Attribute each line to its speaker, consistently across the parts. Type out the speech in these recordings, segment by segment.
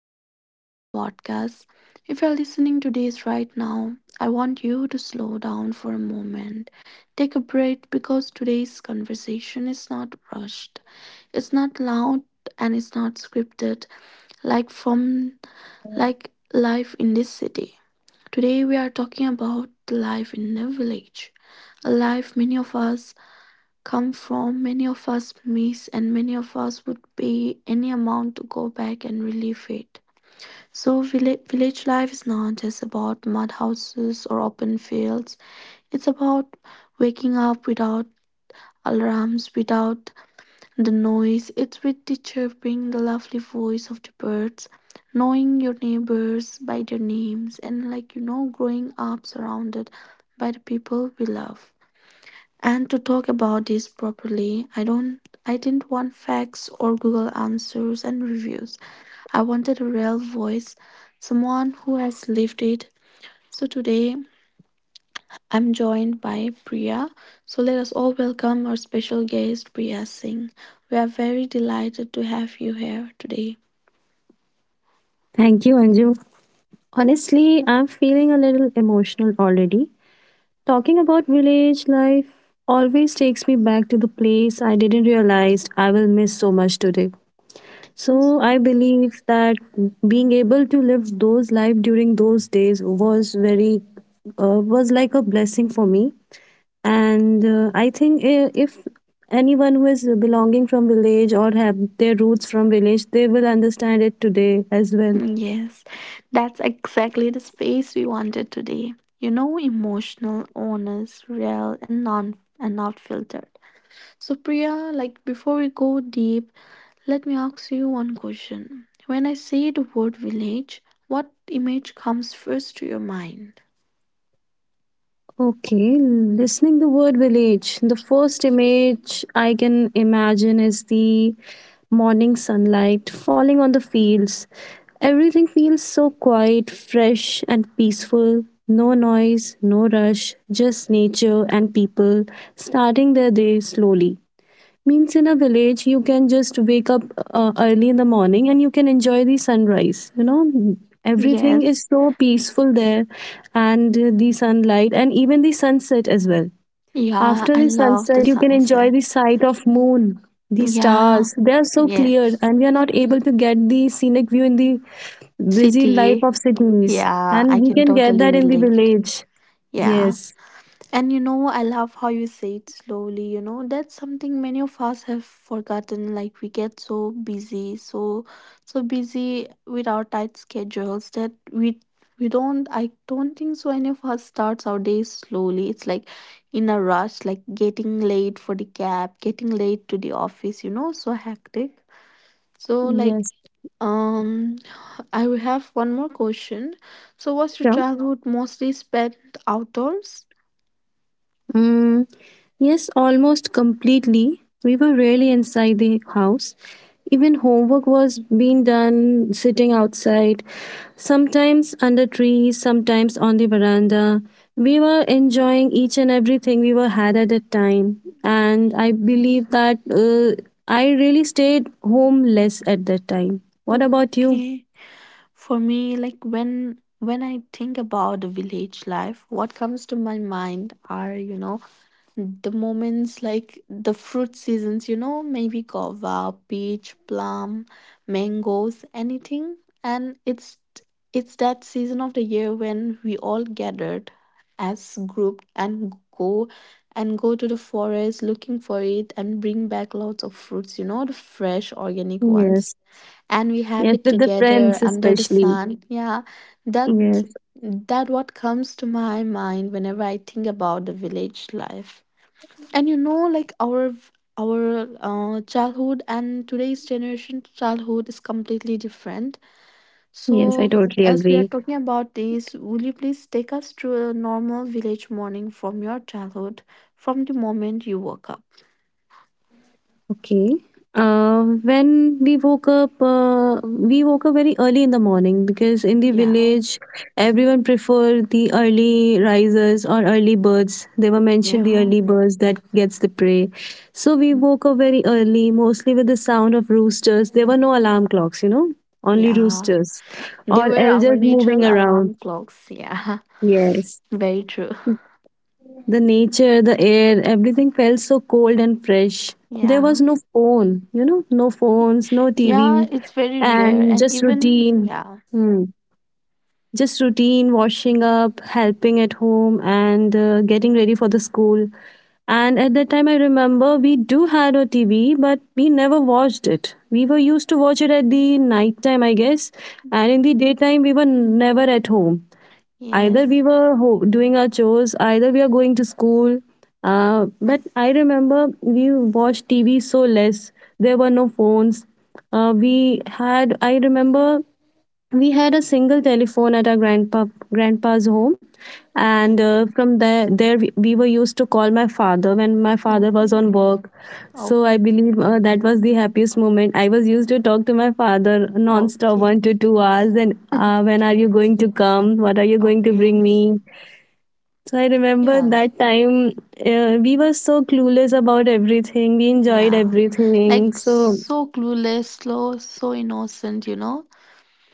Speaker 1: welcome back to the podcast. If you're listening to this right now, I want you to slow down for a moment. Take a break because today's conversation is not rushed. It's not loud and it's not scripted like from like life in this city. Today we are talking about life in a village, a life many of us come from, many of us miss, and many of us would pay any amount to go back and relive it. So, village life is not just about mud houses or open fields, it's about waking up without alarms, without the noise. It's with the chirping, the lovely voice of the birds, knowing your neighbors by their names, and growing up surrounded by the people we love. And to talk about this properly, I didn't want facts or Google answers and reviews. I wanted a real voice, someone who has lived it. So today I'm joined by Priya. So let us all welcome our special guest Priya Singh. We are very delighted to have you here today.
Speaker 2: Thank you, Anju. Honestly, I'm feeling a little emotional already. Talking about village life always takes me back to the place I didn't realize I will miss so much today. So I believe that being able to live those life during those days was very was like a blessing for me. And I think if anyone who is belonging from village or have their roots from village, they will understand it today as well.
Speaker 1: Yes, that's exactly the space we wanted today. You know, emotional, honest, real, and non and not filtered. So, Priya, like before we go deep, let me ask you one question. When I say the word village, what image comes first to your mind?
Speaker 2: Okay, listening the word village, the first image I can imagine is the morning sunlight falling on the fields. Everything feels so quiet, fresh, and peaceful. No noise, no rush, just nature and people starting their day slowly. Means in a village, you can just wake up early in the morning and you can enjoy the sunrise. You know, everything
Speaker 1: Yes.
Speaker 2: is so peaceful there, and the sunlight and even the sunset as well.
Speaker 1: Yeah,
Speaker 2: After
Speaker 1: I
Speaker 2: the
Speaker 1: love the
Speaker 2: sunset, you can enjoy the
Speaker 1: sunsets.
Speaker 2: sight of moon, the
Speaker 1: Yeah.
Speaker 2: stars. They are so clear,
Speaker 1: Yes.
Speaker 2: and we are not able to get the scenic view in the busy life
Speaker 1: City.
Speaker 2: of cities,
Speaker 1: Yeah,
Speaker 2: and
Speaker 1: I
Speaker 2: we
Speaker 1: can
Speaker 2: can get
Speaker 1: totally
Speaker 2: that in the
Speaker 1: relate.
Speaker 2: village.
Speaker 1: Yeah.
Speaker 2: Yes,
Speaker 1: And you know, I love how you say it slowly, you know, that's something many of us have forgotten. Like we get so busy, so busy with our tight schedules that we don't I don't think so any of us starts our days slowly. It's like in a rush, like getting late for the cab, getting late to the office, you know, so hectic. So like
Speaker 2: yes,
Speaker 1: um I will have one more question. So was your
Speaker 2: yeah.
Speaker 1: childhood mostly spent outdoors?
Speaker 2: Mm, yes, almost completely. We were rarely inside the house. Even homework was being done sitting outside, sometimes under trees, sometimes on the veranda. We were enjoying each and everything we were had at that time, and I believe that I really stayed home less at that time. What about you?
Speaker 1: Okay. For me, like when I think about the village life, what comes to my mind are, you know, the moments like the fruit seasons, you know, maybe guava, peach, plum, mangoes, anything. And it's that season of the year when we all gathered as group and go to the forest looking for it and bring back lots of fruits, you know, the fresh organic ones
Speaker 2: Yes,
Speaker 1: and we have
Speaker 2: yes,
Speaker 1: it
Speaker 2: with the
Speaker 1: together
Speaker 2: friends
Speaker 1: under the
Speaker 2: especially.
Speaker 1: sun, yeah. that
Speaker 2: Yes,
Speaker 1: that what comes to my mind whenever I think about the village life, and you know like our childhood and today's generation childhood is completely different.
Speaker 2: yes, I
Speaker 1: So
Speaker 2: totally
Speaker 1: as we are
Speaker 2: agree.
Speaker 1: talking about this, will you please take us through a normal village morning from your childhood, from the moment you woke up?
Speaker 2: Okay. Uh, when we woke up very early in the morning because in the
Speaker 1: Yeah.
Speaker 2: village, everyone prefer the early risers or early birds. They were mentioned the
Speaker 1: Yeah.
Speaker 2: early birds that gets the prey. So we woke up very early, mostly with the sound of roosters. There were no alarm clocks, you know, only
Speaker 1: Yeah.
Speaker 2: roosters
Speaker 1: They
Speaker 2: or
Speaker 1: were our
Speaker 2: elders
Speaker 1: natural
Speaker 2: moving around.
Speaker 1: alarm clocks. Yeah,
Speaker 2: Yes.
Speaker 1: very true.
Speaker 2: The nature, the air, everything felt so cold and fresh. There was
Speaker 1: Yeah,
Speaker 2: no phone, you know, no phones, no
Speaker 1: yeah,
Speaker 2: TV,
Speaker 1: it's very rare.
Speaker 2: and
Speaker 1: And
Speaker 2: just
Speaker 1: even,
Speaker 2: routine.
Speaker 1: yeah,
Speaker 2: Hmm. Just routine, washing up, helping at home, and getting ready for the school. And at that time, I remember we do had a TV, but we never watched it. We were used to watch it at the night time, I guess, and in the daytime, we were never at home, either
Speaker 1: yes.
Speaker 2: we were doing our chores, either we are going to school, but I remember we watched TV so less. There were no phones. We had, I remember we had a single telephone at our grandpa's home, and
Speaker 1: Okay,
Speaker 2: from there we were used to call my father when my father was
Speaker 1: okay,
Speaker 2: on work. So I
Speaker 1: okay,
Speaker 2: believe that was the happiest moment. I was used to talk to my father non-stop
Speaker 1: okay,
Speaker 2: 1 to 2 hours, and when are you going to come, what are you going to bring
Speaker 1: okay.
Speaker 2: me. So I remember
Speaker 1: Yeah,
Speaker 2: that time, we were so clueless about everything, we enjoyed
Speaker 1: yeah.
Speaker 2: everything
Speaker 1: Like
Speaker 2: so.
Speaker 1: so clueless, slow, so innocent, you know?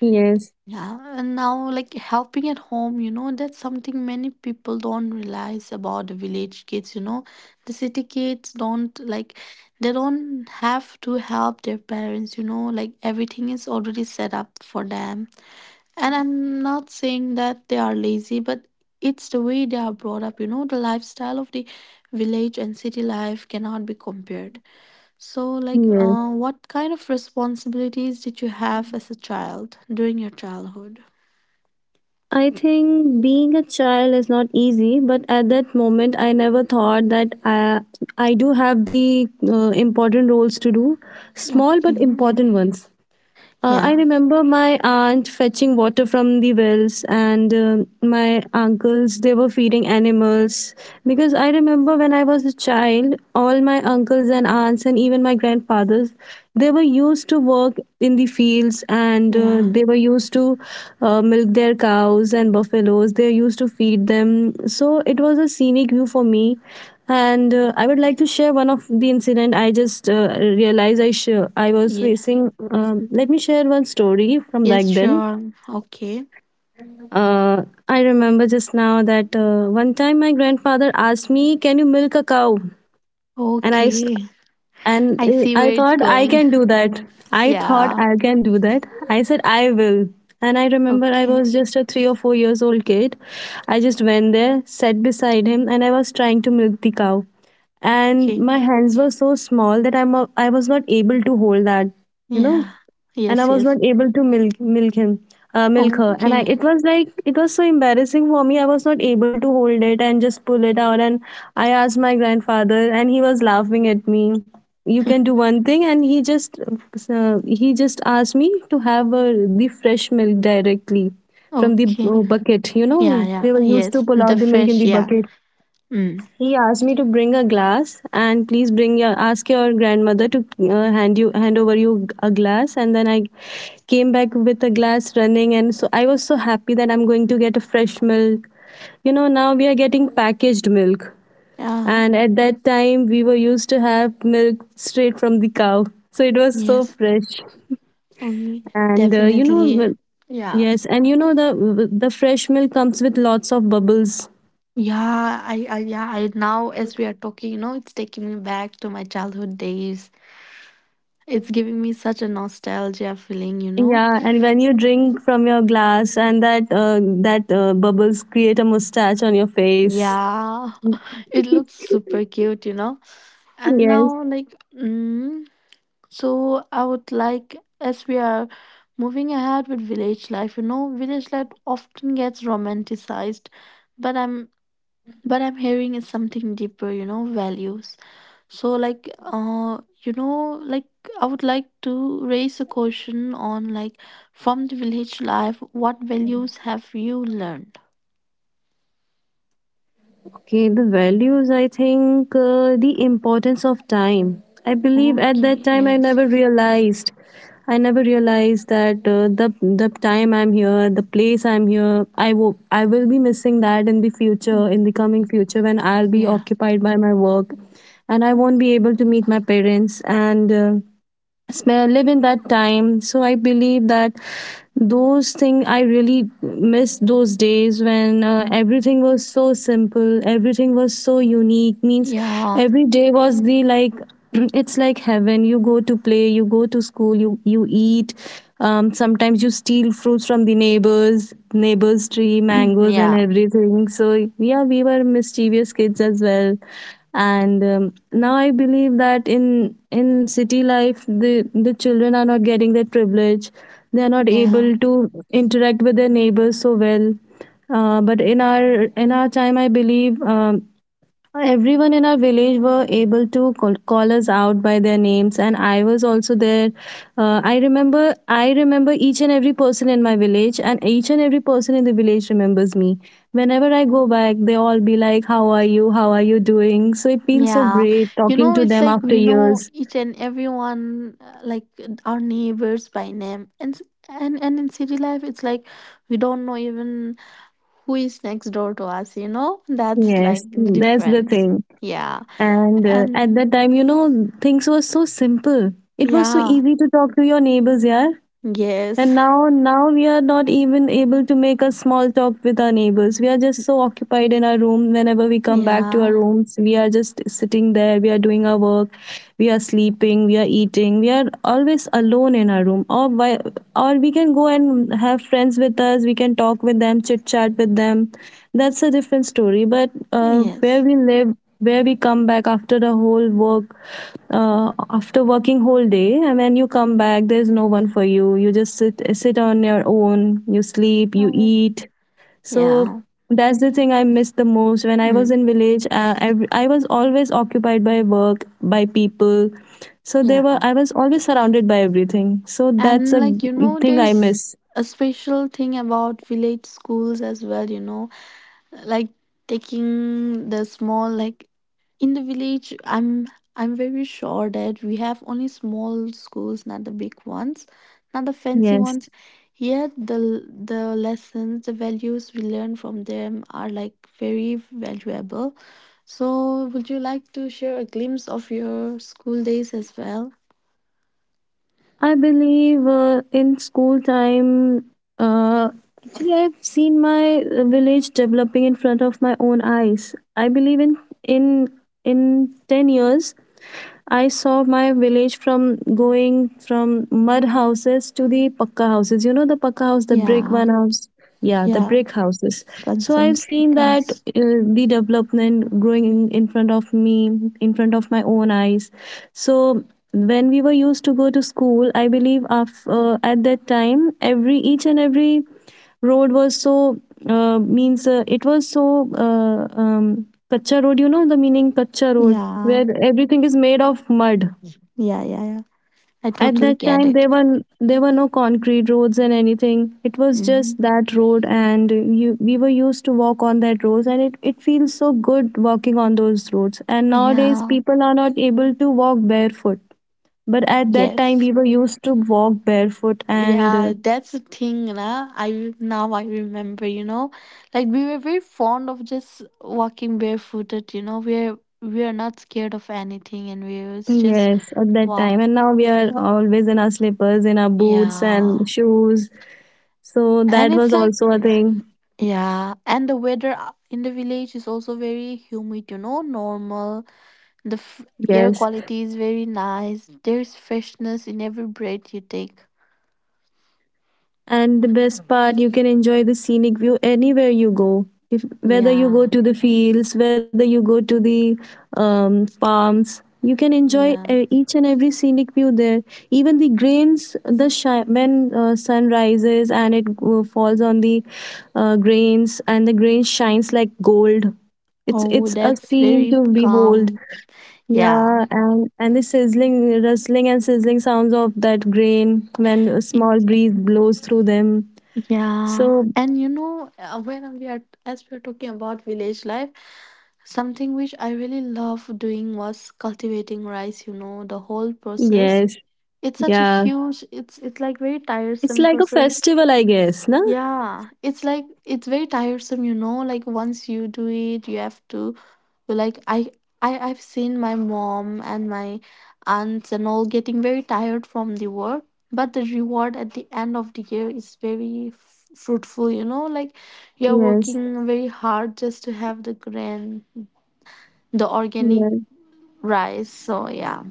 Speaker 2: Yes,
Speaker 1: Yeah, and now like helping at home, you know, that's something many people don't realize about the village kids, you know. The city kids don't like they don't have to help their parents, you know, like everything is already set up for them. And I'm not saying that they are lazy, but it's the way they are brought up, you know, the lifestyle of the village and city life cannot be compared. So like
Speaker 2: yes.
Speaker 1: what kind of responsibilities did you have as a child during your childhood?
Speaker 2: I think being a child is not easy, but at that moment, I never thought that I do have the important roles to do, small but
Speaker 1: Okay.
Speaker 2: important ones. I
Speaker 1: Yeah.
Speaker 2: remember my aunt fetching water from the wells, and my uncles they were feeding animals. Because I remember when I was a child, all my uncles and aunts, and even my grandfathers, they were used to work in the fields, and
Speaker 1: Yeah.
Speaker 2: they were used to milk their cows and buffaloes. They used to feed them. So it was a scenic view for me. And I would like to share one of the incident I just realized I was
Speaker 1: Yeah.
Speaker 2: facing. Let me share one story from back
Speaker 1: Yes,
Speaker 2: then.
Speaker 1: sure. Okay.
Speaker 2: Uh, I remember just now that one time my grandfather asked me, "Can you milk a cow?" And I
Speaker 1: Okay.
Speaker 2: and
Speaker 1: I
Speaker 2: uh,
Speaker 1: see
Speaker 2: I
Speaker 1: where it's
Speaker 2: thought I
Speaker 1: going.
Speaker 2: can do that. I thought
Speaker 1: Yeah.
Speaker 2: I can do that. I said I will. And I remember I
Speaker 1: Okay.
Speaker 2: was just a 3 or 4 years old kid. I just went there, sat beside him, and I was trying to milk the cow. And
Speaker 1: Okay.
Speaker 2: my hands were so small that I was not able to hold that, you know,
Speaker 1: Yeah.
Speaker 2: and I
Speaker 1: Yes,
Speaker 2: was
Speaker 1: yes.
Speaker 2: not able to milk him, milk her. And I,
Speaker 1: Okay.
Speaker 2: it was like it was so embarrassing for me. I was not able to hold it and just pull it out. And I asked my grandfather, and he was laughing at me. "You can do one thing," and he just asked me to have the fresh milk directly from the
Speaker 1: Okay.
Speaker 2: bucket. You know,
Speaker 1: Yeah, yeah.
Speaker 2: they were used to
Speaker 1: Yes.
Speaker 2: pull
Speaker 1: The
Speaker 2: out the milk in
Speaker 1: fresh,
Speaker 2: the
Speaker 1: yeah.
Speaker 2: bucket.
Speaker 1: Mm.
Speaker 2: He asked me to bring a glass, and please bring your, ask your grandmother to hand you, hand over you a glass, and then I came back with a glass running, and so I was so happy that I'm going to get a fresh milk. You know, now we are getting packaged milk,
Speaker 1: Yeah.
Speaker 2: and at that time we were used to have milk straight from the cow. So it was so
Speaker 1: Yes.
Speaker 2: fresh,
Speaker 1: Okay.
Speaker 2: and you
Speaker 1: Definitely.
Speaker 2: know,
Speaker 1: Yeah.
Speaker 2: yes, and you know the fresh milk comes with lots of bubbles.
Speaker 1: Yeah, I yeah, I now as we are talking, you know, it's taking me back to my childhood days. It's giving me such a nostalgia feeling, you know.
Speaker 2: Yeah, and when you drink from your glass and that that bubbles create a mustache on your face.
Speaker 1: Yeah, it looks super cute, you know. And
Speaker 2: Yes.
Speaker 1: now, like, so I would like, as we are moving ahead with village life, you know, village life often gets romanticized, but I'm but I'm hearing is something deeper, you know, values. So, like, you know, like I would like to raise a question on like from the village life, what values have you learned?
Speaker 2: Okay, the values, I think the importance of time. I believe at that
Speaker 1: Okay,
Speaker 2: time I
Speaker 1: yes,
Speaker 2: never realized. I never realized that the time I'm here, the place I'm here, I will be missing that in the
Speaker 1: Mm,
Speaker 2: future, in the coming future when I'll be
Speaker 1: yeah.
Speaker 2: occupied by my work, and I won't be able to meet my parents and. Live in that time, so I believe that those things I really miss, those days when
Speaker 1: Mm,
Speaker 2: everything was so simple, everything was so unique. Means
Speaker 1: Yeah.
Speaker 2: every day was the like it's like heaven, you go to play, you go to school, you eat, sometimes you steal fruits from the neighbors
Speaker 1: mhm,
Speaker 2: neighbors tree, mangoes and
Speaker 1: Yeah.
Speaker 2: everything. So yeah, we were mischievous kids as well. And now I believe that in city life the children are not getting that privilege. They are not
Speaker 1: Yeah.
Speaker 2: able to interact with their neighbors so well. But in our time I believe, everyone in our village were able to call us out by their names, and I was also there. I remember each and every person in my village, and each and every person in the village remembers me. Whenever I go back, they all be like, "How are you? How are you doing?" So it feels so
Speaker 1: Yeah.
Speaker 2: great
Speaker 1: You
Speaker 2: talking
Speaker 1: know,
Speaker 2: to
Speaker 1: it's
Speaker 2: them
Speaker 1: like
Speaker 2: after
Speaker 1: we know
Speaker 2: years.
Speaker 1: each and everyone, like our neighbors by name. And in city life, it's like we don't know even who is next door to us, you know? That's
Speaker 2: Yes,
Speaker 1: like the
Speaker 2: that's the
Speaker 1: difference.
Speaker 2: thing.
Speaker 1: Yeah.
Speaker 2: And at
Speaker 1: And
Speaker 2: that time, you know, things were so simple. It was so
Speaker 1: yeah.
Speaker 2: easy to talk to your neighbors, yeah. And
Speaker 1: Yes.
Speaker 2: now, now we are not even able to make a small talk with our neighbors. We are just so occupied in our room. Whenever we come back to our
Speaker 1: Yeah.
Speaker 2: rooms, we are just sitting there. We are doing our work. We are sleeping. We are eating. We are always alone in our room. Or we can go and have friends with us. We can talk with them, chit chat with them. That's a different story. But where
Speaker 1: Yes.
Speaker 2: we live, where we come back after the whole work, after working whole day, and when you come
Speaker 1: Mm,
Speaker 2: back there's no one for you, you just sit on your own, you sleep, you
Speaker 1: Oh.
Speaker 2: eat. So
Speaker 1: Yeah.
Speaker 2: that's the thing I miss the most. When I was
Speaker 1: Mm.
Speaker 2: in village, I was always occupied by work, by people, so
Speaker 1: Yeah.
Speaker 2: there were, I was always surrounded by everything. So that's
Speaker 1: And
Speaker 2: a
Speaker 1: like you know,
Speaker 2: thing I
Speaker 1: there's
Speaker 2: miss.
Speaker 1: a special thing about village schools as well, you know, like taking the small like in the village I'm very sure that we have only small schools, not the big ones, not the fancy
Speaker 2: Yes,
Speaker 1: ones. Yet the lessons, the values we learn from them are like very valuable. So would you like to share a glimpse of your school days as well?
Speaker 2: I believe in school time, uh, actually, I've seen my village developing in front of my own eyes. I believe in in 10 years, I saw my village from going from mud houses to the pakka houses. You know the pakka house, the brick
Speaker 1: Yeah,
Speaker 2: one house. Yeah, the
Speaker 1: yeah.
Speaker 2: brick houses. So I've
Speaker 1: Concentric
Speaker 2: seen that
Speaker 1: house.
Speaker 2: the development growing in front of me, in front of my own eyes. So when we were used to go to school, I believe at that time, every each and every road was so means it was so kacha road. You know the meaning, kacha road,
Speaker 1: Yeah,
Speaker 2: where everything is made of mud.
Speaker 1: yeah, yeah, yeah. I
Speaker 2: At
Speaker 1: totally
Speaker 2: that
Speaker 1: get
Speaker 2: time
Speaker 1: it.
Speaker 2: there were no concrete roads and anything. It was just
Speaker 1: Hmm.
Speaker 2: that road. And we were used to walk on that roads and it feels so good walking on those roads, and nowadays
Speaker 1: Yeah,
Speaker 2: people are not able to walk barefoot. But at that time
Speaker 1: yes.
Speaker 2: we were used to walk barefoot and
Speaker 1: Yeah, that's the thing, na. I remember, you know, like we were very fond of just walking barefooted. You know, we're not scared of anything, and we was just
Speaker 2: yes, at that time.
Speaker 1: walk.
Speaker 2: And now we are always in our slippers, in our boots
Speaker 1: Yeah,
Speaker 2: and shoes. So
Speaker 1: and
Speaker 2: that was
Speaker 1: it's like
Speaker 2: also a thing.
Speaker 1: yeah, and the weather in the village is also very humid. You know, normal. Air
Speaker 2: Yes.
Speaker 1: quality is very nice. There's freshness in every breath you take.
Speaker 2: And the best part, you can enjoy the scenic view anywhere you go. If Whether you go
Speaker 1: Yeah,
Speaker 2: to the fields, whether you go to the farms, you can enjoy
Speaker 1: yeah.
Speaker 2: each and every scenic view there. Even the grains, when sun rises and it falls on the grains, and the grain shines like gold. It's
Speaker 1: Oh,
Speaker 2: it's a
Speaker 1: that's
Speaker 2: scene
Speaker 1: very
Speaker 2: to behold.
Speaker 1: calm. Yeah.
Speaker 2: Yeah, and the sizzling, rustling, and sizzling sounds of that grain when a
Speaker 1: Y-
Speaker 2: small breeze blows through them.
Speaker 1: Yeah.
Speaker 2: So
Speaker 1: And you know, as we are talking about village life, something which I really love doing was cultivating rice, you know, the whole process.
Speaker 2: yes,
Speaker 1: It's such a
Speaker 2: yeah,
Speaker 1: huge, it's like very
Speaker 2: it's
Speaker 1: tiresome
Speaker 2: like a
Speaker 1: process.
Speaker 2: festival, I guess, no?
Speaker 1: Yeah, it's like it's very tiresome, you know. Like once you do it, you have to like I I've seen my mom and my aunts and all getting very tired from the work, but the reward at the end of the year is very fruitful, you know. Like you're
Speaker 2: Yes,
Speaker 1: working very hard just to have the grand, the organic
Speaker 2: yes.
Speaker 1: rice. So yeah,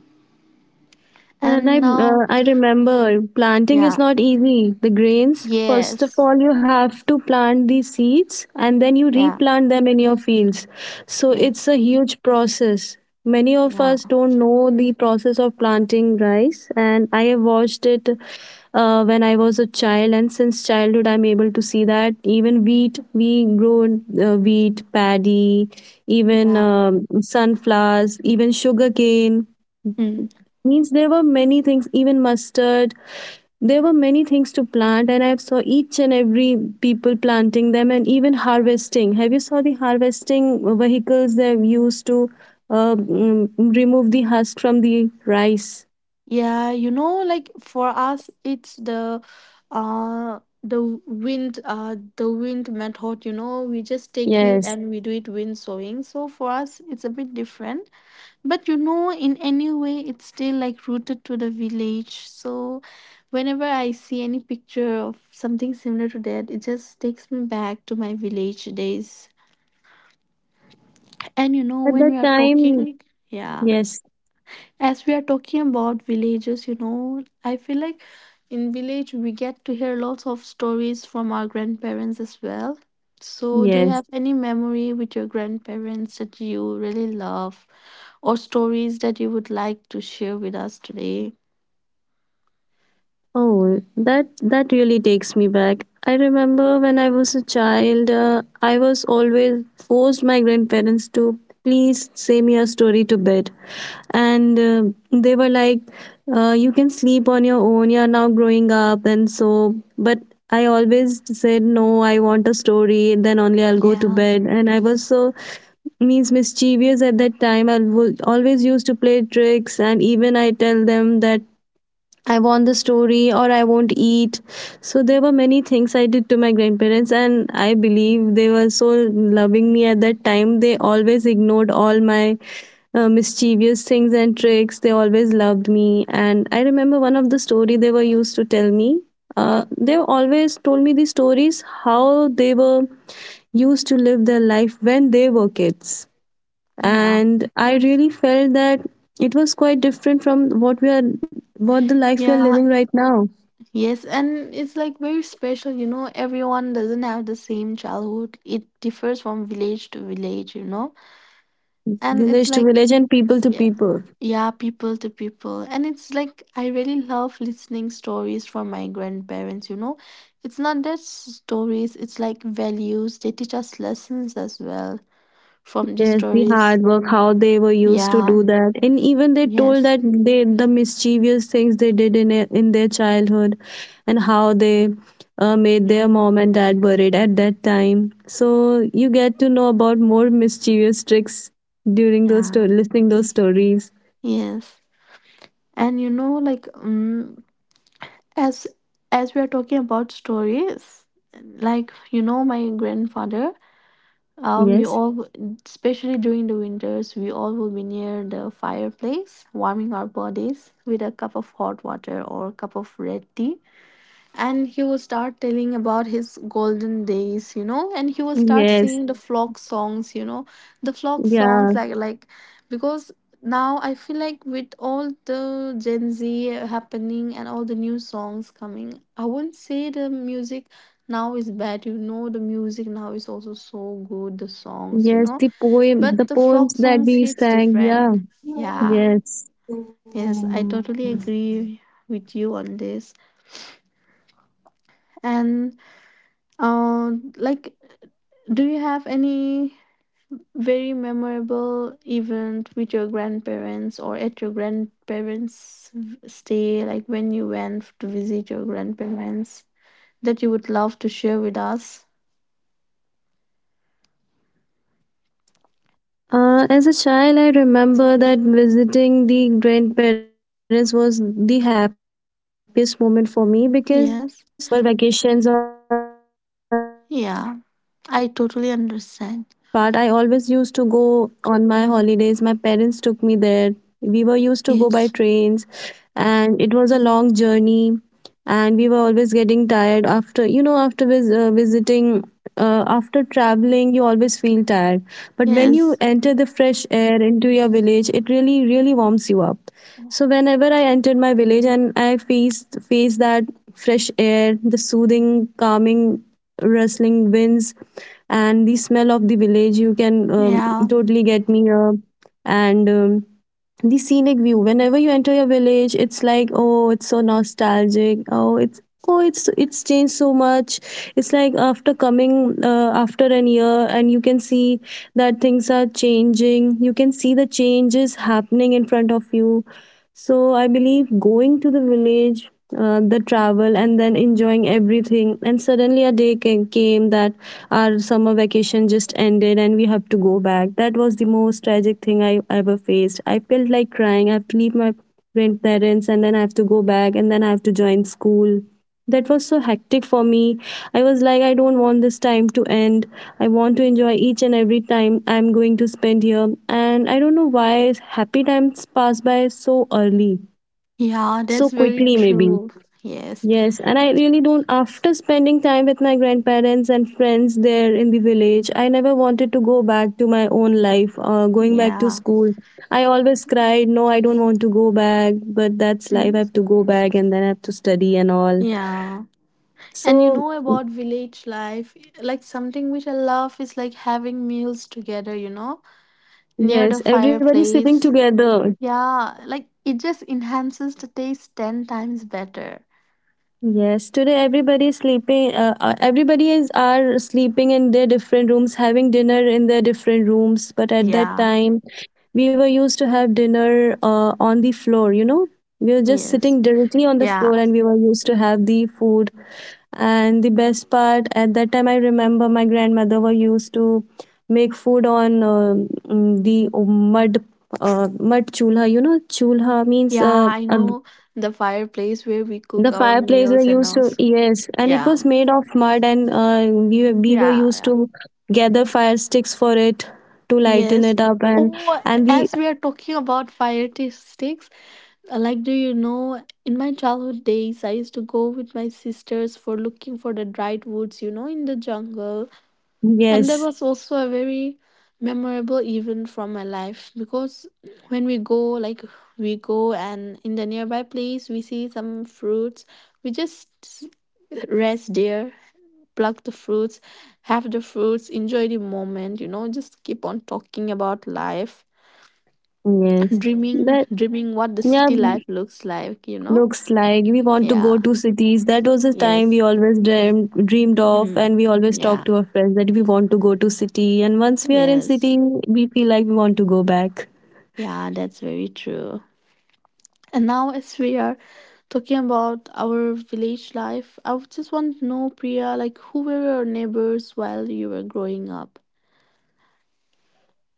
Speaker 2: And
Speaker 1: and now
Speaker 2: I remember planting is
Speaker 1: yeah,
Speaker 2: not easy. The grains, first of
Speaker 1: yes,
Speaker 2: all, you have to plant the seeds and then you
Speaker 1: yeah,
Speaker 2: replant them in your fields. So
Speaker 1: yes,
Speaker 2: it's a huge process. Many of us
Speaker 1: yeah,
Speaker 2: don't know the process of planting rice, and I have watched it when I was a child, and since childhood, I'm able to see that even wheat, we grow wheat, paddy, even
Speaker 1: yeah.
Speaker 2: sunflowers, even sugarcane.
Speaker 1: Mm.
Speaker 2: Means there were many things, even mustard. There were many things to plant, and I saw each and every people planting them, and even harvesting. Have you saw the harvesting vehicles? They used to uh, mm, remove the husk from the rice.
Speaker 1: Yeah, you know, like for us, it's uh the the wind method, you know, we just take it
Speaker 2: Yes,
Speaker 1: and we do it wind sowing. So for us it's a bit different. But you know, in any way it's still like rooted to the village. So whenever I see any picture of something similar to that, it just takes me back to my village days. And you know,
Speaker 2: at
Speaker 1: when
Speaker 2: that
Speaker 1: we are
Speaker 2: time.
Speaker 1: talking, yeah,
Speaker 2: Yes,
Speaker 1: as we are talking about villages, you know, I feel like in village we get to hear lots of stories from our grandparents as well. So do you
Speaker 2: yes.
Speaker 1: have any memory with your grandparents that you really love, or stories that you would like to share with us today?
Speaker 2: Oh, that that really takes me back. I remember when I was a child, I was always forced my grandparents to please say me a story to bed. And they were like, you can sleep on your own, you're now growing up and so. But I always said, no, I want a story, then only I'll go to
Speaker 1: Yeah.
Speaker 2: bed. And I was so means mischievous at that time. I was always used to play tricks, and even I tell them that I want the story or I won't eat. So there were many things I did to my grandparents, and I believe they were so loving me at that time. They always ignored all my mischievous things and tricks. They always loved me. And I remember one of the story they were used to tell me. They always told me these stories, how they were used to live their life when they were kids.
Speaker 1: Yeah.
Speaker 2: And I really felt that it was quite different from what we are, what the life we are living
Speaker 1: Yeah.
Speaker 2: right now,
Speaker 1: Yes, and it's like very special, you know, everyone doesn't have the same childhood. It differs from village to village, you know, and it's
Speaker 2: village to
Speaker 1: like
Speaker 2: village and people to
Speaker 1: yeah.
Speaker 2: people.
Speaker 1: Yeah, people to people. And it's like I really love listening stories from my grandparents, you know. It's not just stories, it's like values. They teach us lessons as well from these
Speaker 2: Yes, the
Speaker 1: stories.
Speaker 2: hard work, how they were used to
Speaker 1: Yeah.
Speaker 2: do that, and even they told
Speaker 1: Yes.
Speaker 2: that they the mischievous things they did in their childhood, and how they made their
Speaker 1: Yeah.
Speaker 2: mom and dad worried at that time. So you get to know about more mischievous tricks during those
Speaker 1: Yeah.
Speaker 2: listening those stories.
Speaker 1: Yes. And you know like as as we are talking about stories, like you know my grandfather, we
Speaker 2: Yes,
Speaker 1: all, especially during the winters, we all will be near the fireplace, warming our bodies with a cup of hot water or a cup of red tea, and he will start telling about his golden days, you know, and he will start
Speaker 2: yes,
Speaker 1: singing the flock songs, you know, the flock
Speaker 2: yeah,
Speaker 1: songs, like because now I feel like with all the Gen Z happening and all the new songs coming, I wouldn't say the music now is bad, you know, the music now is also so good, the songs, you
Speaker 2: yes.
Speaker 1: know,
Speaker 2: The poem, the
Speaker 1: but the
Speaker 2: poems
Speaker 1: flock
Speaker 2: that
Speaker 1: songs
Speaker 2: we
Speaker 1: hits
Speaker 2: sang. Yeah,
Speaker 1: different. Yeah,
Speaker 2: yes.
Speaker 1: yes, I totally agree with you on this. And like, do you have any very memorable event with your grandparents or at your grandparents' stay, like when you went to visit your grandparents, that you would love to share with us?
Speaker 2: As a child, I remember that visiting the grandparents was the happiest moment for me, because every time I got to visit
Speaker 1: Yes.
Speaker 2: them on my summer vacations or the
Speaker 1: Yeah.
Speaker 2: holidays,
Speaker 1: I totally
Speaker 2: and that's the
Speaker 1: understand.
Speaker 2: best part. I always used to go on my holidays. My parents took me there. We were used to go by
Speaker 1: Yes.
Speaker 2: trains, and it was a long journey, and we were always getting tired after, you know, after visiting, after traveling. You always feel tired, but when you
Speaker 1: Yes.
Speaker 2: enter the fresh air into your village, it really, really warms you up. So whenever I entered my village and I faced that fresh air, the soothing, calming, rustling winds, and the smell of the village, you can
Speaker 1: Yeah.
Speaker 2: totally get me up. And the scenic view, whenever you enter your village, it's like, oh, it's so nostalgic, oh it's, oh it's changed so much. It's like after coming after an year, and you can see that things are changing, you can see the changes happening in front of you. So I believe going to the village, the travel and then enjoying everything, and suddenly a day came that our summer vacation just ended and we have to go back. That was the most tragic thing I ever faced. I felt like crying. I have to leave my grandparents and then I have to go back and then I have to join school. That was so hectic for me. I was like, I don't want this time to end. I want to enjoy each and every time I'm going to spend here. And I don't know why happy times pass by so early,
Speaker 1: Yeah.
Speaker 2: so
Speaker 1: That's very
Speaker 2: quickly, maybe.
Speaker 1: true. Yes.
Speaker 2: Yes, and I really don't. After spending time with my grandparents and friends there in the village, I never wanted to go back to my own life, going back to
Speaker 1: Yeah.
Speaker 2: school. I always cried, no, I don't want to go back, but that's life. I
Speaker 1: Mhm.
Speaker 2: have to go back and then I have to study and all.
Speaker 1: Yeah. And you
Speaker 2: So,
Speaker 1: know about village life, like something which I love is like having meals together, you know, near the
Speaker 2: yes, everybody sleeping
Speaker 1: fireplace.
Speaker 2: together.
Speaker 1: Yeah, like it just enhances the taste 10 times better.
Speaker 2: Yes, today everybody is sleeping. Everybody is are sleeping in their different rooms, having dinner in their different rooms. But at that
Speaker 1: Yeah,
Speaker 2: time, we were used to have dinner on the floor, you know, we were just
Speaker 1: yes.
Speaker 2: sitting directly on the
Speaker 1: Yeah,
Speaker 2: floor, and we were used to have the food. And the best part, at that time I remember my grandmother were used to make food on the mud, mud chulha. You know chulha means
Speaker 1: yeah, I
Speaker 2: uh,
Speaker 1: know the fireplace where we
Speaker 2: the
Speaker 1: cook our
Speaker 2: fireplace were
Speaker 1: meals and
Speaker 2: used to.
Speaker 1: us.
Speaker 2: Yes, and it
Speaker 1: Yeah,
Speaker 2: was made of mud, and we, we were
Speaker 1: yeah,
Speaker 2: used
Speaker 1: yeah.
Speaker 2: to gather fire sticks for it to lighten
Speaker 1: Yes.
Speaker 2: it up. and
Speaker 1: Oh,
Speaker 2: and the
Speaker 1: as we are talking about fire taste sticks, do you know, in my childhood days, I used to go with my sisters for looking for the dried woods, you know, in the jungle. And that
Speaker 2: yes.
Speaker 1: was also a very memorable event from my life because when we go, we go and in the nearby place, we see some fruits, we just rest there pluck the fruits, have the fruits, enjoy the moment, you know, just keep on talking about life,
Speaker 2: Yes, that,
Speaker 1: dreaming what the
Speaker 2: yeah,
Speaker 1: city life looks like, you know?
Speaker 2: looks like we want to go
Speaker 1: Yeah,
Speaker 2: to cities. That was the time we
Speaker 1: yes.
Speaker 2: always dreamed of,
Speaker 1: Mm,
Speaker 2: and we always talk
Speaker 1: yeah,
Speaker 2: to our friends that we want to go to city. And once we are in
Speaker 1: yes.
Speaker 2: city, we feel like we want to go back.
Speaker 1: Yeah, that's very true. And now, as we are talking about our village life, I would just want to know, Priya, like who were your neighbors while you were growing up?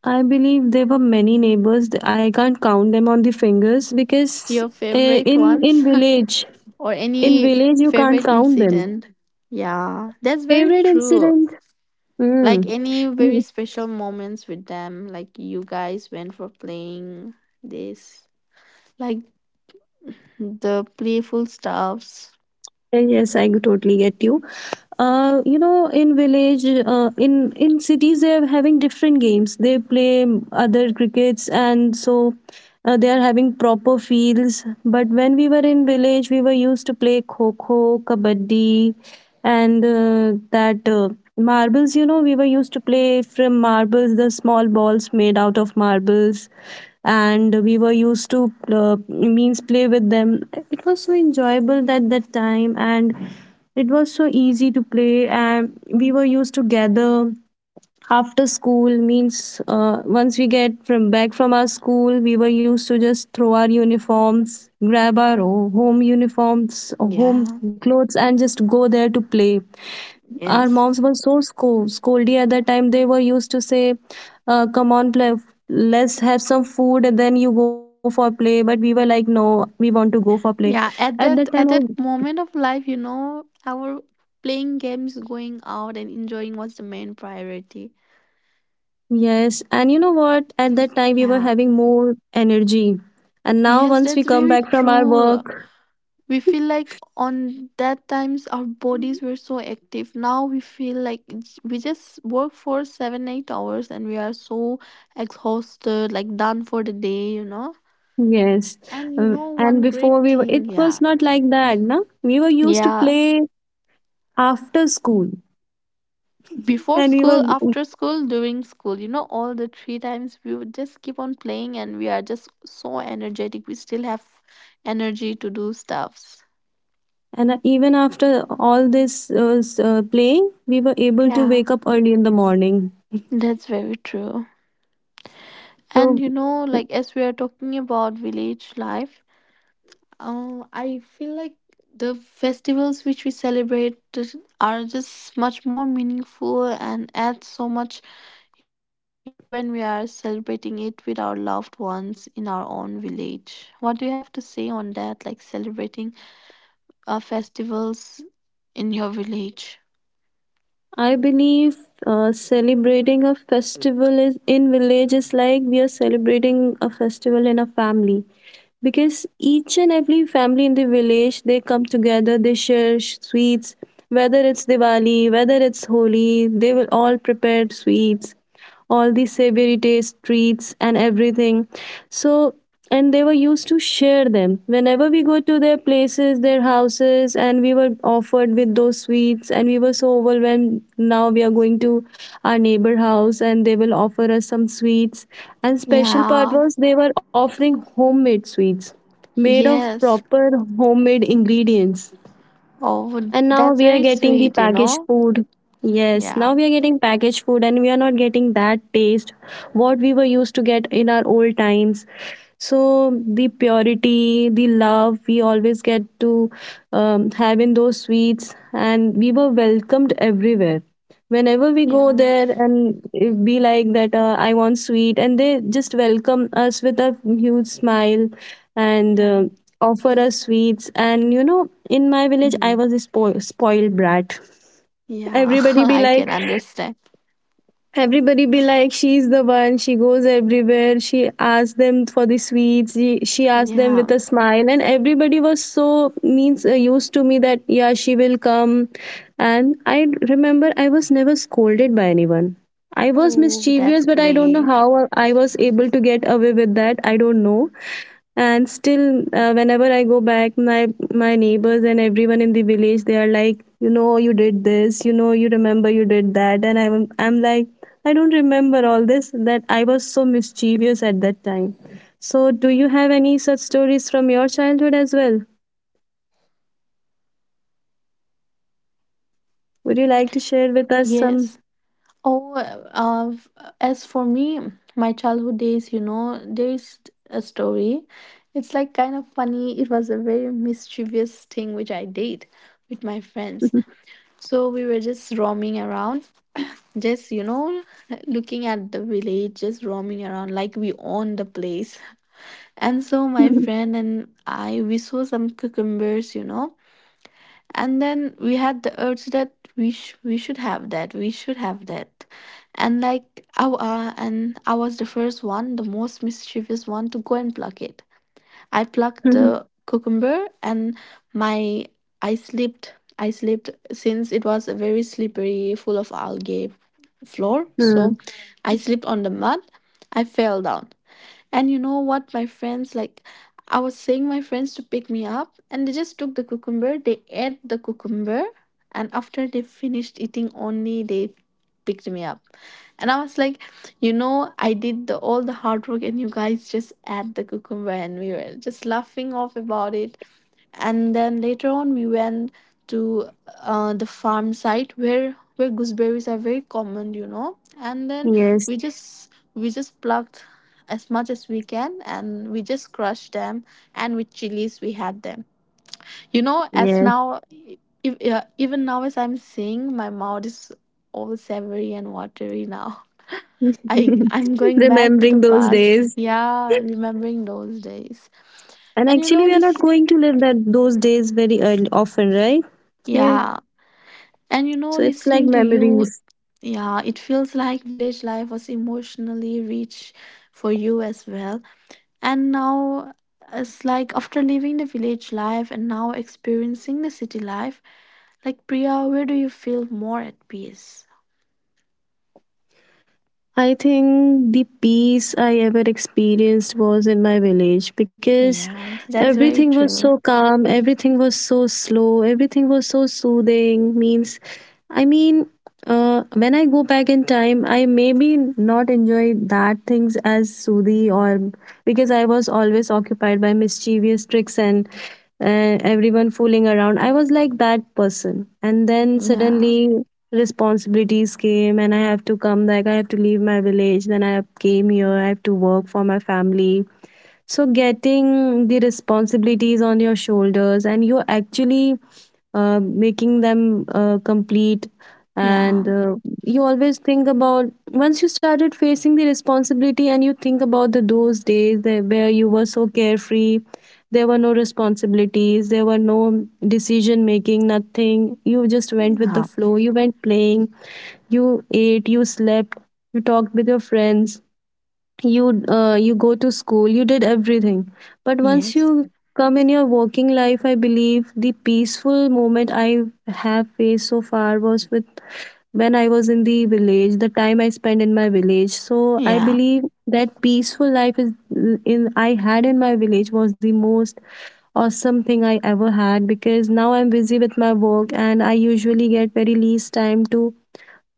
Speaker 2: I believe there were many neighbors. I can't count them on the fingers because
Speaker 1: Your favorite
Speaker 2: in
Speaker 1: ones?
Speaker 2: village,
Speaker 1: Or
Speaker 2: in
Speaker 1: any
Speaker 2: village you can't
Speaker 1: favorite
Speaker 2: count them.
Speaker 1: incident. Yeah, that's very
Speaker 2: Favorite
Speaker 1: true.
Speaker 2: incident? Hmm.
Speaker 1: Like any very
Speaker 2: Mm,
Speaker 1: special moments with them, like you guys went for playing this, like the playful stuffs.
Speaker 2: yes, I totally get you. Uh, you know, in village, in cities they are having different games they play, other crickets and so, they are having proper fields. But when we were in village, we were used to play kho kho, kabaddi, and that marbles. You know, we were used to play from marbles, the small balls made out of marbles, and we were used to means play with them. It was so enjoyable at that time, and it was so easy to play, and we were used to gather after school. Means once we get from back from our school, we were used to just throw our uniforms, grab our home uniforms, home
Speaker 1: Yeah,
Speaker 2: clothes, and just go there to play. Our
Speaker 1: yes.
Speaker 2: moms were so scoldy at that time. They were used to say, "Come on, play. Let's have some food, and then you go for play." But we were like, "No, we want to go for play."
Speaker 1: Yeah,
Speaker 2: At
Speaker 1: at
Speaker 2: that time,
Speaker 1: that
Speaker 2: I
Speaker 1: at that moment of life, you know, our playing games, going out and enjoying was the main priority.
Speaker 2: yes, and you know what? At that time, we were
Speaker 1: Yeah.
Speaker 2: having more energy, and now
Speaker 1: Yes,
Speaker 2: once we
Speaker 1: that's
Speaker 2: come
Speaker 1: very
Speaker 2: back from our
Speaker 1: true.
Speaker 2: work.
Speaker 1: We feel like on that times our bodies were so active. Now we feel like we just work for 7 8 hours and we are so exhausted, like done for the day, you know.
Speaker 2: Yes.
Speaker 1: And you know, one
Speaker 2: And
Speaker 1: great
Speaker 2: before we were,
Speaker 1: thing.
Speaker 2: it was
Speaker 1: Yeah,
Speaker 2: not like that, no? We were used to
Speaker 1: yeah,
Speaker 2: play after school,
Speaker 1: before
Speaker 2: and we
Speaker 1: school,
Speaker 2: were.
Speaker 1: after school, during school, you know, all the three times we would just keep on playing and we are just so energetic, we still have energy to do stuffs.
Speaker 2: And even after all this playing, we were able to
Speaker 1: Yeah,
Speaker 2: wake up early in the morning.
Speaker 1: that's very true. And
Speaker 2: So
Speaker 1: you know, like as we are talking about village life, I feel like the festivals which we celebrate are just much more meaningful and add so much, you know, joy when we are celebrating it with our loved ones in our own village. What do you have to say on that? Like celebrating festivals in your village?
Speaker 2: I believe celebrating a festival is in village is like we are celebrating a festival in a family, because each and every family in the village, they come together, they share sweets. Whether it's Diwali, whether it's Holi, they will all prepare sweets, all the savory taste treats and everything. So, and they were used to share them whenever we go to their places, their houses, and we were offered with those sweets, and we were so overwhelmed. Now we are going to our neighbor house and they will offer us some sweets, and special part
Speaker 1: Yeah.
Speaker 2: was they were offering homemade sweets made of
Speaker 1: Yes.
Speaker 2: proper homemade ingredients.
Speaker 1: Oh,
Speaker 2: And now we
Speaker 1: that's
Speaker 2: are
Speaker 1: very
Speaker 2: getting the
Speaker 1: sweet, you
Speaker 2: packaged
Speaker 1: know?
Speaker 2: food. Yes,
Speaker 1: Yeah.
Speaker 2: now we are getting packaged food and we are not getting that taste what we were used to get in our old times. So the purity, the love we always get to have in those sweets, and we were welcomed everywhere. Whenever we go
Speaker 1: Yeah.
Speaker 2: there and it be like that, I want sweet, and they just welcome us with a huge smile and.
Speaker 1: Yeah.
Speaker 2: Offer us sweets. And you know, in my village I
Speaker 1: Mhm.
Speaker 2: was a spoiled brat.
Speaker 1: Yeah,
Speaker 2: Everybody be
Speaker 1: I
Speaker 2: like,
Speaker 1: can understand.
Speaker 2: everybody be like, she's the one. She goes everywhere. She asks them for the sweets. She asks them with
Speaker 1: Yeah.
Speaker 2: a smile, and everybody was so means used to me that yeah, she will come. And I remember I was never scolded by anyone. I was
Speaker 1: Oh, that's
Speaker 2: mischievous, but I don't know
Speaker 1: great.
Speaker 2: how I was able to get away with that. I don't know. And still whenever I go back, my neighbors and everyone in the village, they are like, you did this, you remember you did that. And I'm like, I don't remember all this, that I was so mischievous at that time. So, do you have any such stories from your childhood as well? Would you like to share with us
Speaker 1: Yes.
Speaker 2: some?
Speaker 1: Oh, as for me, my childhood days, you know, there is a story. It's like kind of funny. It was a very mischievous thing which I did with my friends. So we were just roaming around, just, you know, looking at the village, just roaming around like we own the place. And so my friend and I, we saw some cucumbers, you know, and then we had the urge that we should have that, we should have that. And I was the first one, the most mischievous one, to go and pluck it. I plucked the cucumber and my I slipped, since it was a very slippery, full of algae floor. So
Speaker 2: Hmm.
Speaker 1: I slipped on the mud, I fell down, and you know what, my friends, like, I was saying my friends to pick me up and they just took the cucumber, they ate the cucumber, and after they finished eating only they picked me up. And I was like, you know, I did the all the hard work and you guys just ate the cucumber, and we were just laughing off about it. And then later on we went to the farm site where gooseberries are very common, you know. And then
Speaker 2: Yes,
Speaker 1: we just plucked as much as we can, and we just crushed them and with chilies we had them, you know. As
Speaker 2: yes.
Speaker 1: now, if, even now as I'm saying, my mouth is all savory and watery now. I'm going back to the
Speaker 2: Remembering those
Speaker 1: past.
Speaker 2: days.
Speaker 1: Yeah, remembering those days.
Speaker 2: And
Speaker 1: and you
Speaker 2: actually,
Speaker 1: know
Speaker 2: we are not
Speaker 1: listening
Speaker 2: going to live that those days very early, often, right? Here,
Speaker 1: yeah And you know,
Speaker 2: so it's like
Speaker 1: listening to you,
Speaker 2: memories.
Speaker 1: yeah, it feels like village life was emotionally rich for you as well. And now it's like after living the village life and now experiencing the city life, like Priya, where do you feel more at peace?
Speaker 2: I think the peace I ever experienced was in my village because
Speaker 1: Yeah, that's very
Speaker 2: everything was so
Speaker 1: true.
Speaker 2: calm, everything was so slow, everything was so soothing. Means, I mean, when I go back in time, I maybe not enjoy that things as soothing, or because I was always occupied by mischievous tricks and everyone fooling around. I was like that person, and then
Speaker 1: Yeah,
Speaker 2: suddenly responsibilities came, and I have to come, like I have to leave my village, then I came here, I have to work for my family. So getting the responsibilities on your shoulders, and you're actually making them complete,
Speaker 1: yeah,
Speaker 2: and you always think about, once you started facing the responsibility, and you think about the those days that, where you were so carefree, there were no responsibilities, there were no decision making, nothing, you just went with the
Speaker 1: yeah,
Speaker 2: flow, you went playing, you ate, you slept, you talked with your friends, you you go to school, you did everything. But once
Speaker 1: yes,
Speaker 2: you come in your working life, I believe the peaceful moment I have faced so far was with, when I was in the village, the time I spent in my village. So I
Speaker 1: yeah,
Speaker 2: believe that peaceful life is in, I had in my village, was the most awesome thing I ever had, because now I'm busy with my work and I usually get very least time to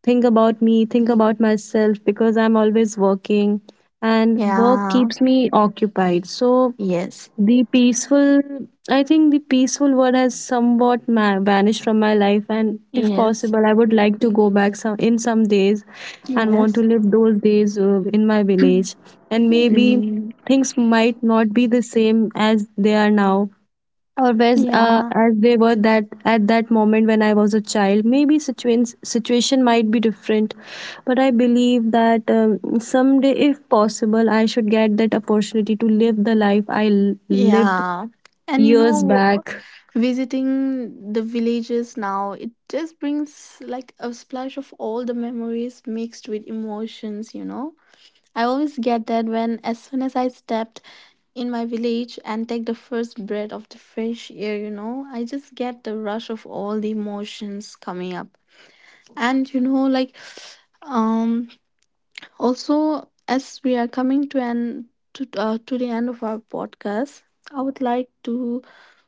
Speaker 2: think about me, think about myself, because I'm always working, and work
Speaker 1: yeah,
Speaker 2: keeps me occupied. So
Speaker 1: yes,
Speaker 2: the peaceful, I think the peaceful word has somewhat ma- vanished from my life. And if
Speaker 1: yes,
Speaker 2: possible, I would like to go back some in some days and want to
Speaker 1: yes,
Speaker 2: live those days in my village. And maybe
Speaker 1: mm,
Speaker 2: things might not be the same as they are now always
Speaker 1: yeah.
Speaker 2: as they were that at that moment when I was a child, maybe situation might be different, but I believe that someday if possible I should get that opportunity to live the life I l- lived
Speaker 1: Yeah. And you
Speaker 2: years
Speaker 1: know,
Speaker 2: back.
Speaker 1: visiting the villages now, it just brings like a splash of all the memories mixed with emotions, you know. I always get that when, as soon as I stepped in my village and take the first breath of the fresh air, you know, I just get the rush of all the emotions coming up. And you know, um, also, as we are coming to to the end of our podcast, I would like to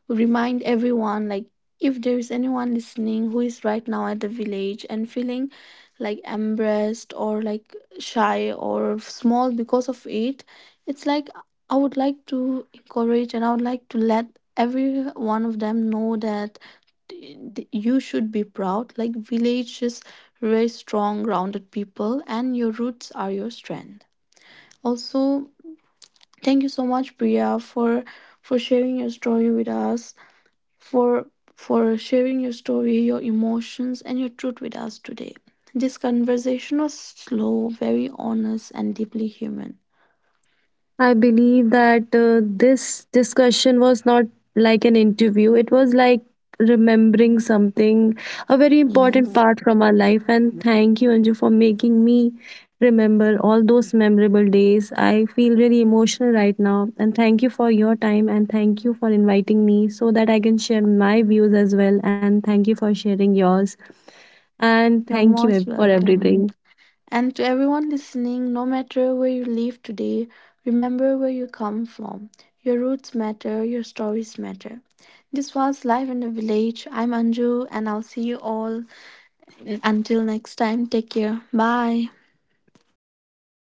Speaker 1: remind everyone, like, if there is anyone listening who is right now at the village and feeling like embarrassed or like shy or small because of it, it's like, I would like to encourage, and I would like to let every one of them know that you should be proud. Like villages raise strong, grounded people, and your roots are your strength. Also, thank you so much, Priya, for sharing your story with us, for sharing your story, your emotions, and your truth with us today. This conversation was slow, very honest, and deeply human.
Speaker 2: I believe that this discussion was not like an interview. It was like remembering something, a very important
Speaker 1: Yes,
Speaker 2: part from our life. And thank you, Anju, for making me remember all those memorable days. I feel really emotional right now. And thank you for your time. And thank you for inviting me so that I can share my views as well. And thank you for sharing yours. And
Speaker 1: you're
Speaker 2: thank you
Speaker 1: most
Speaker 2: ev- for
Speaker 1: welcome.
Speaker 2: everything.
Speaker 1: And to everyone listening, no matter where you live today, remember where you come from. Your roots matter, your stories matter. This was Live in the Village. I'm Anju, and I'll see you all until next time. Take care. Bye.
Speaker 2: Bye, everyone.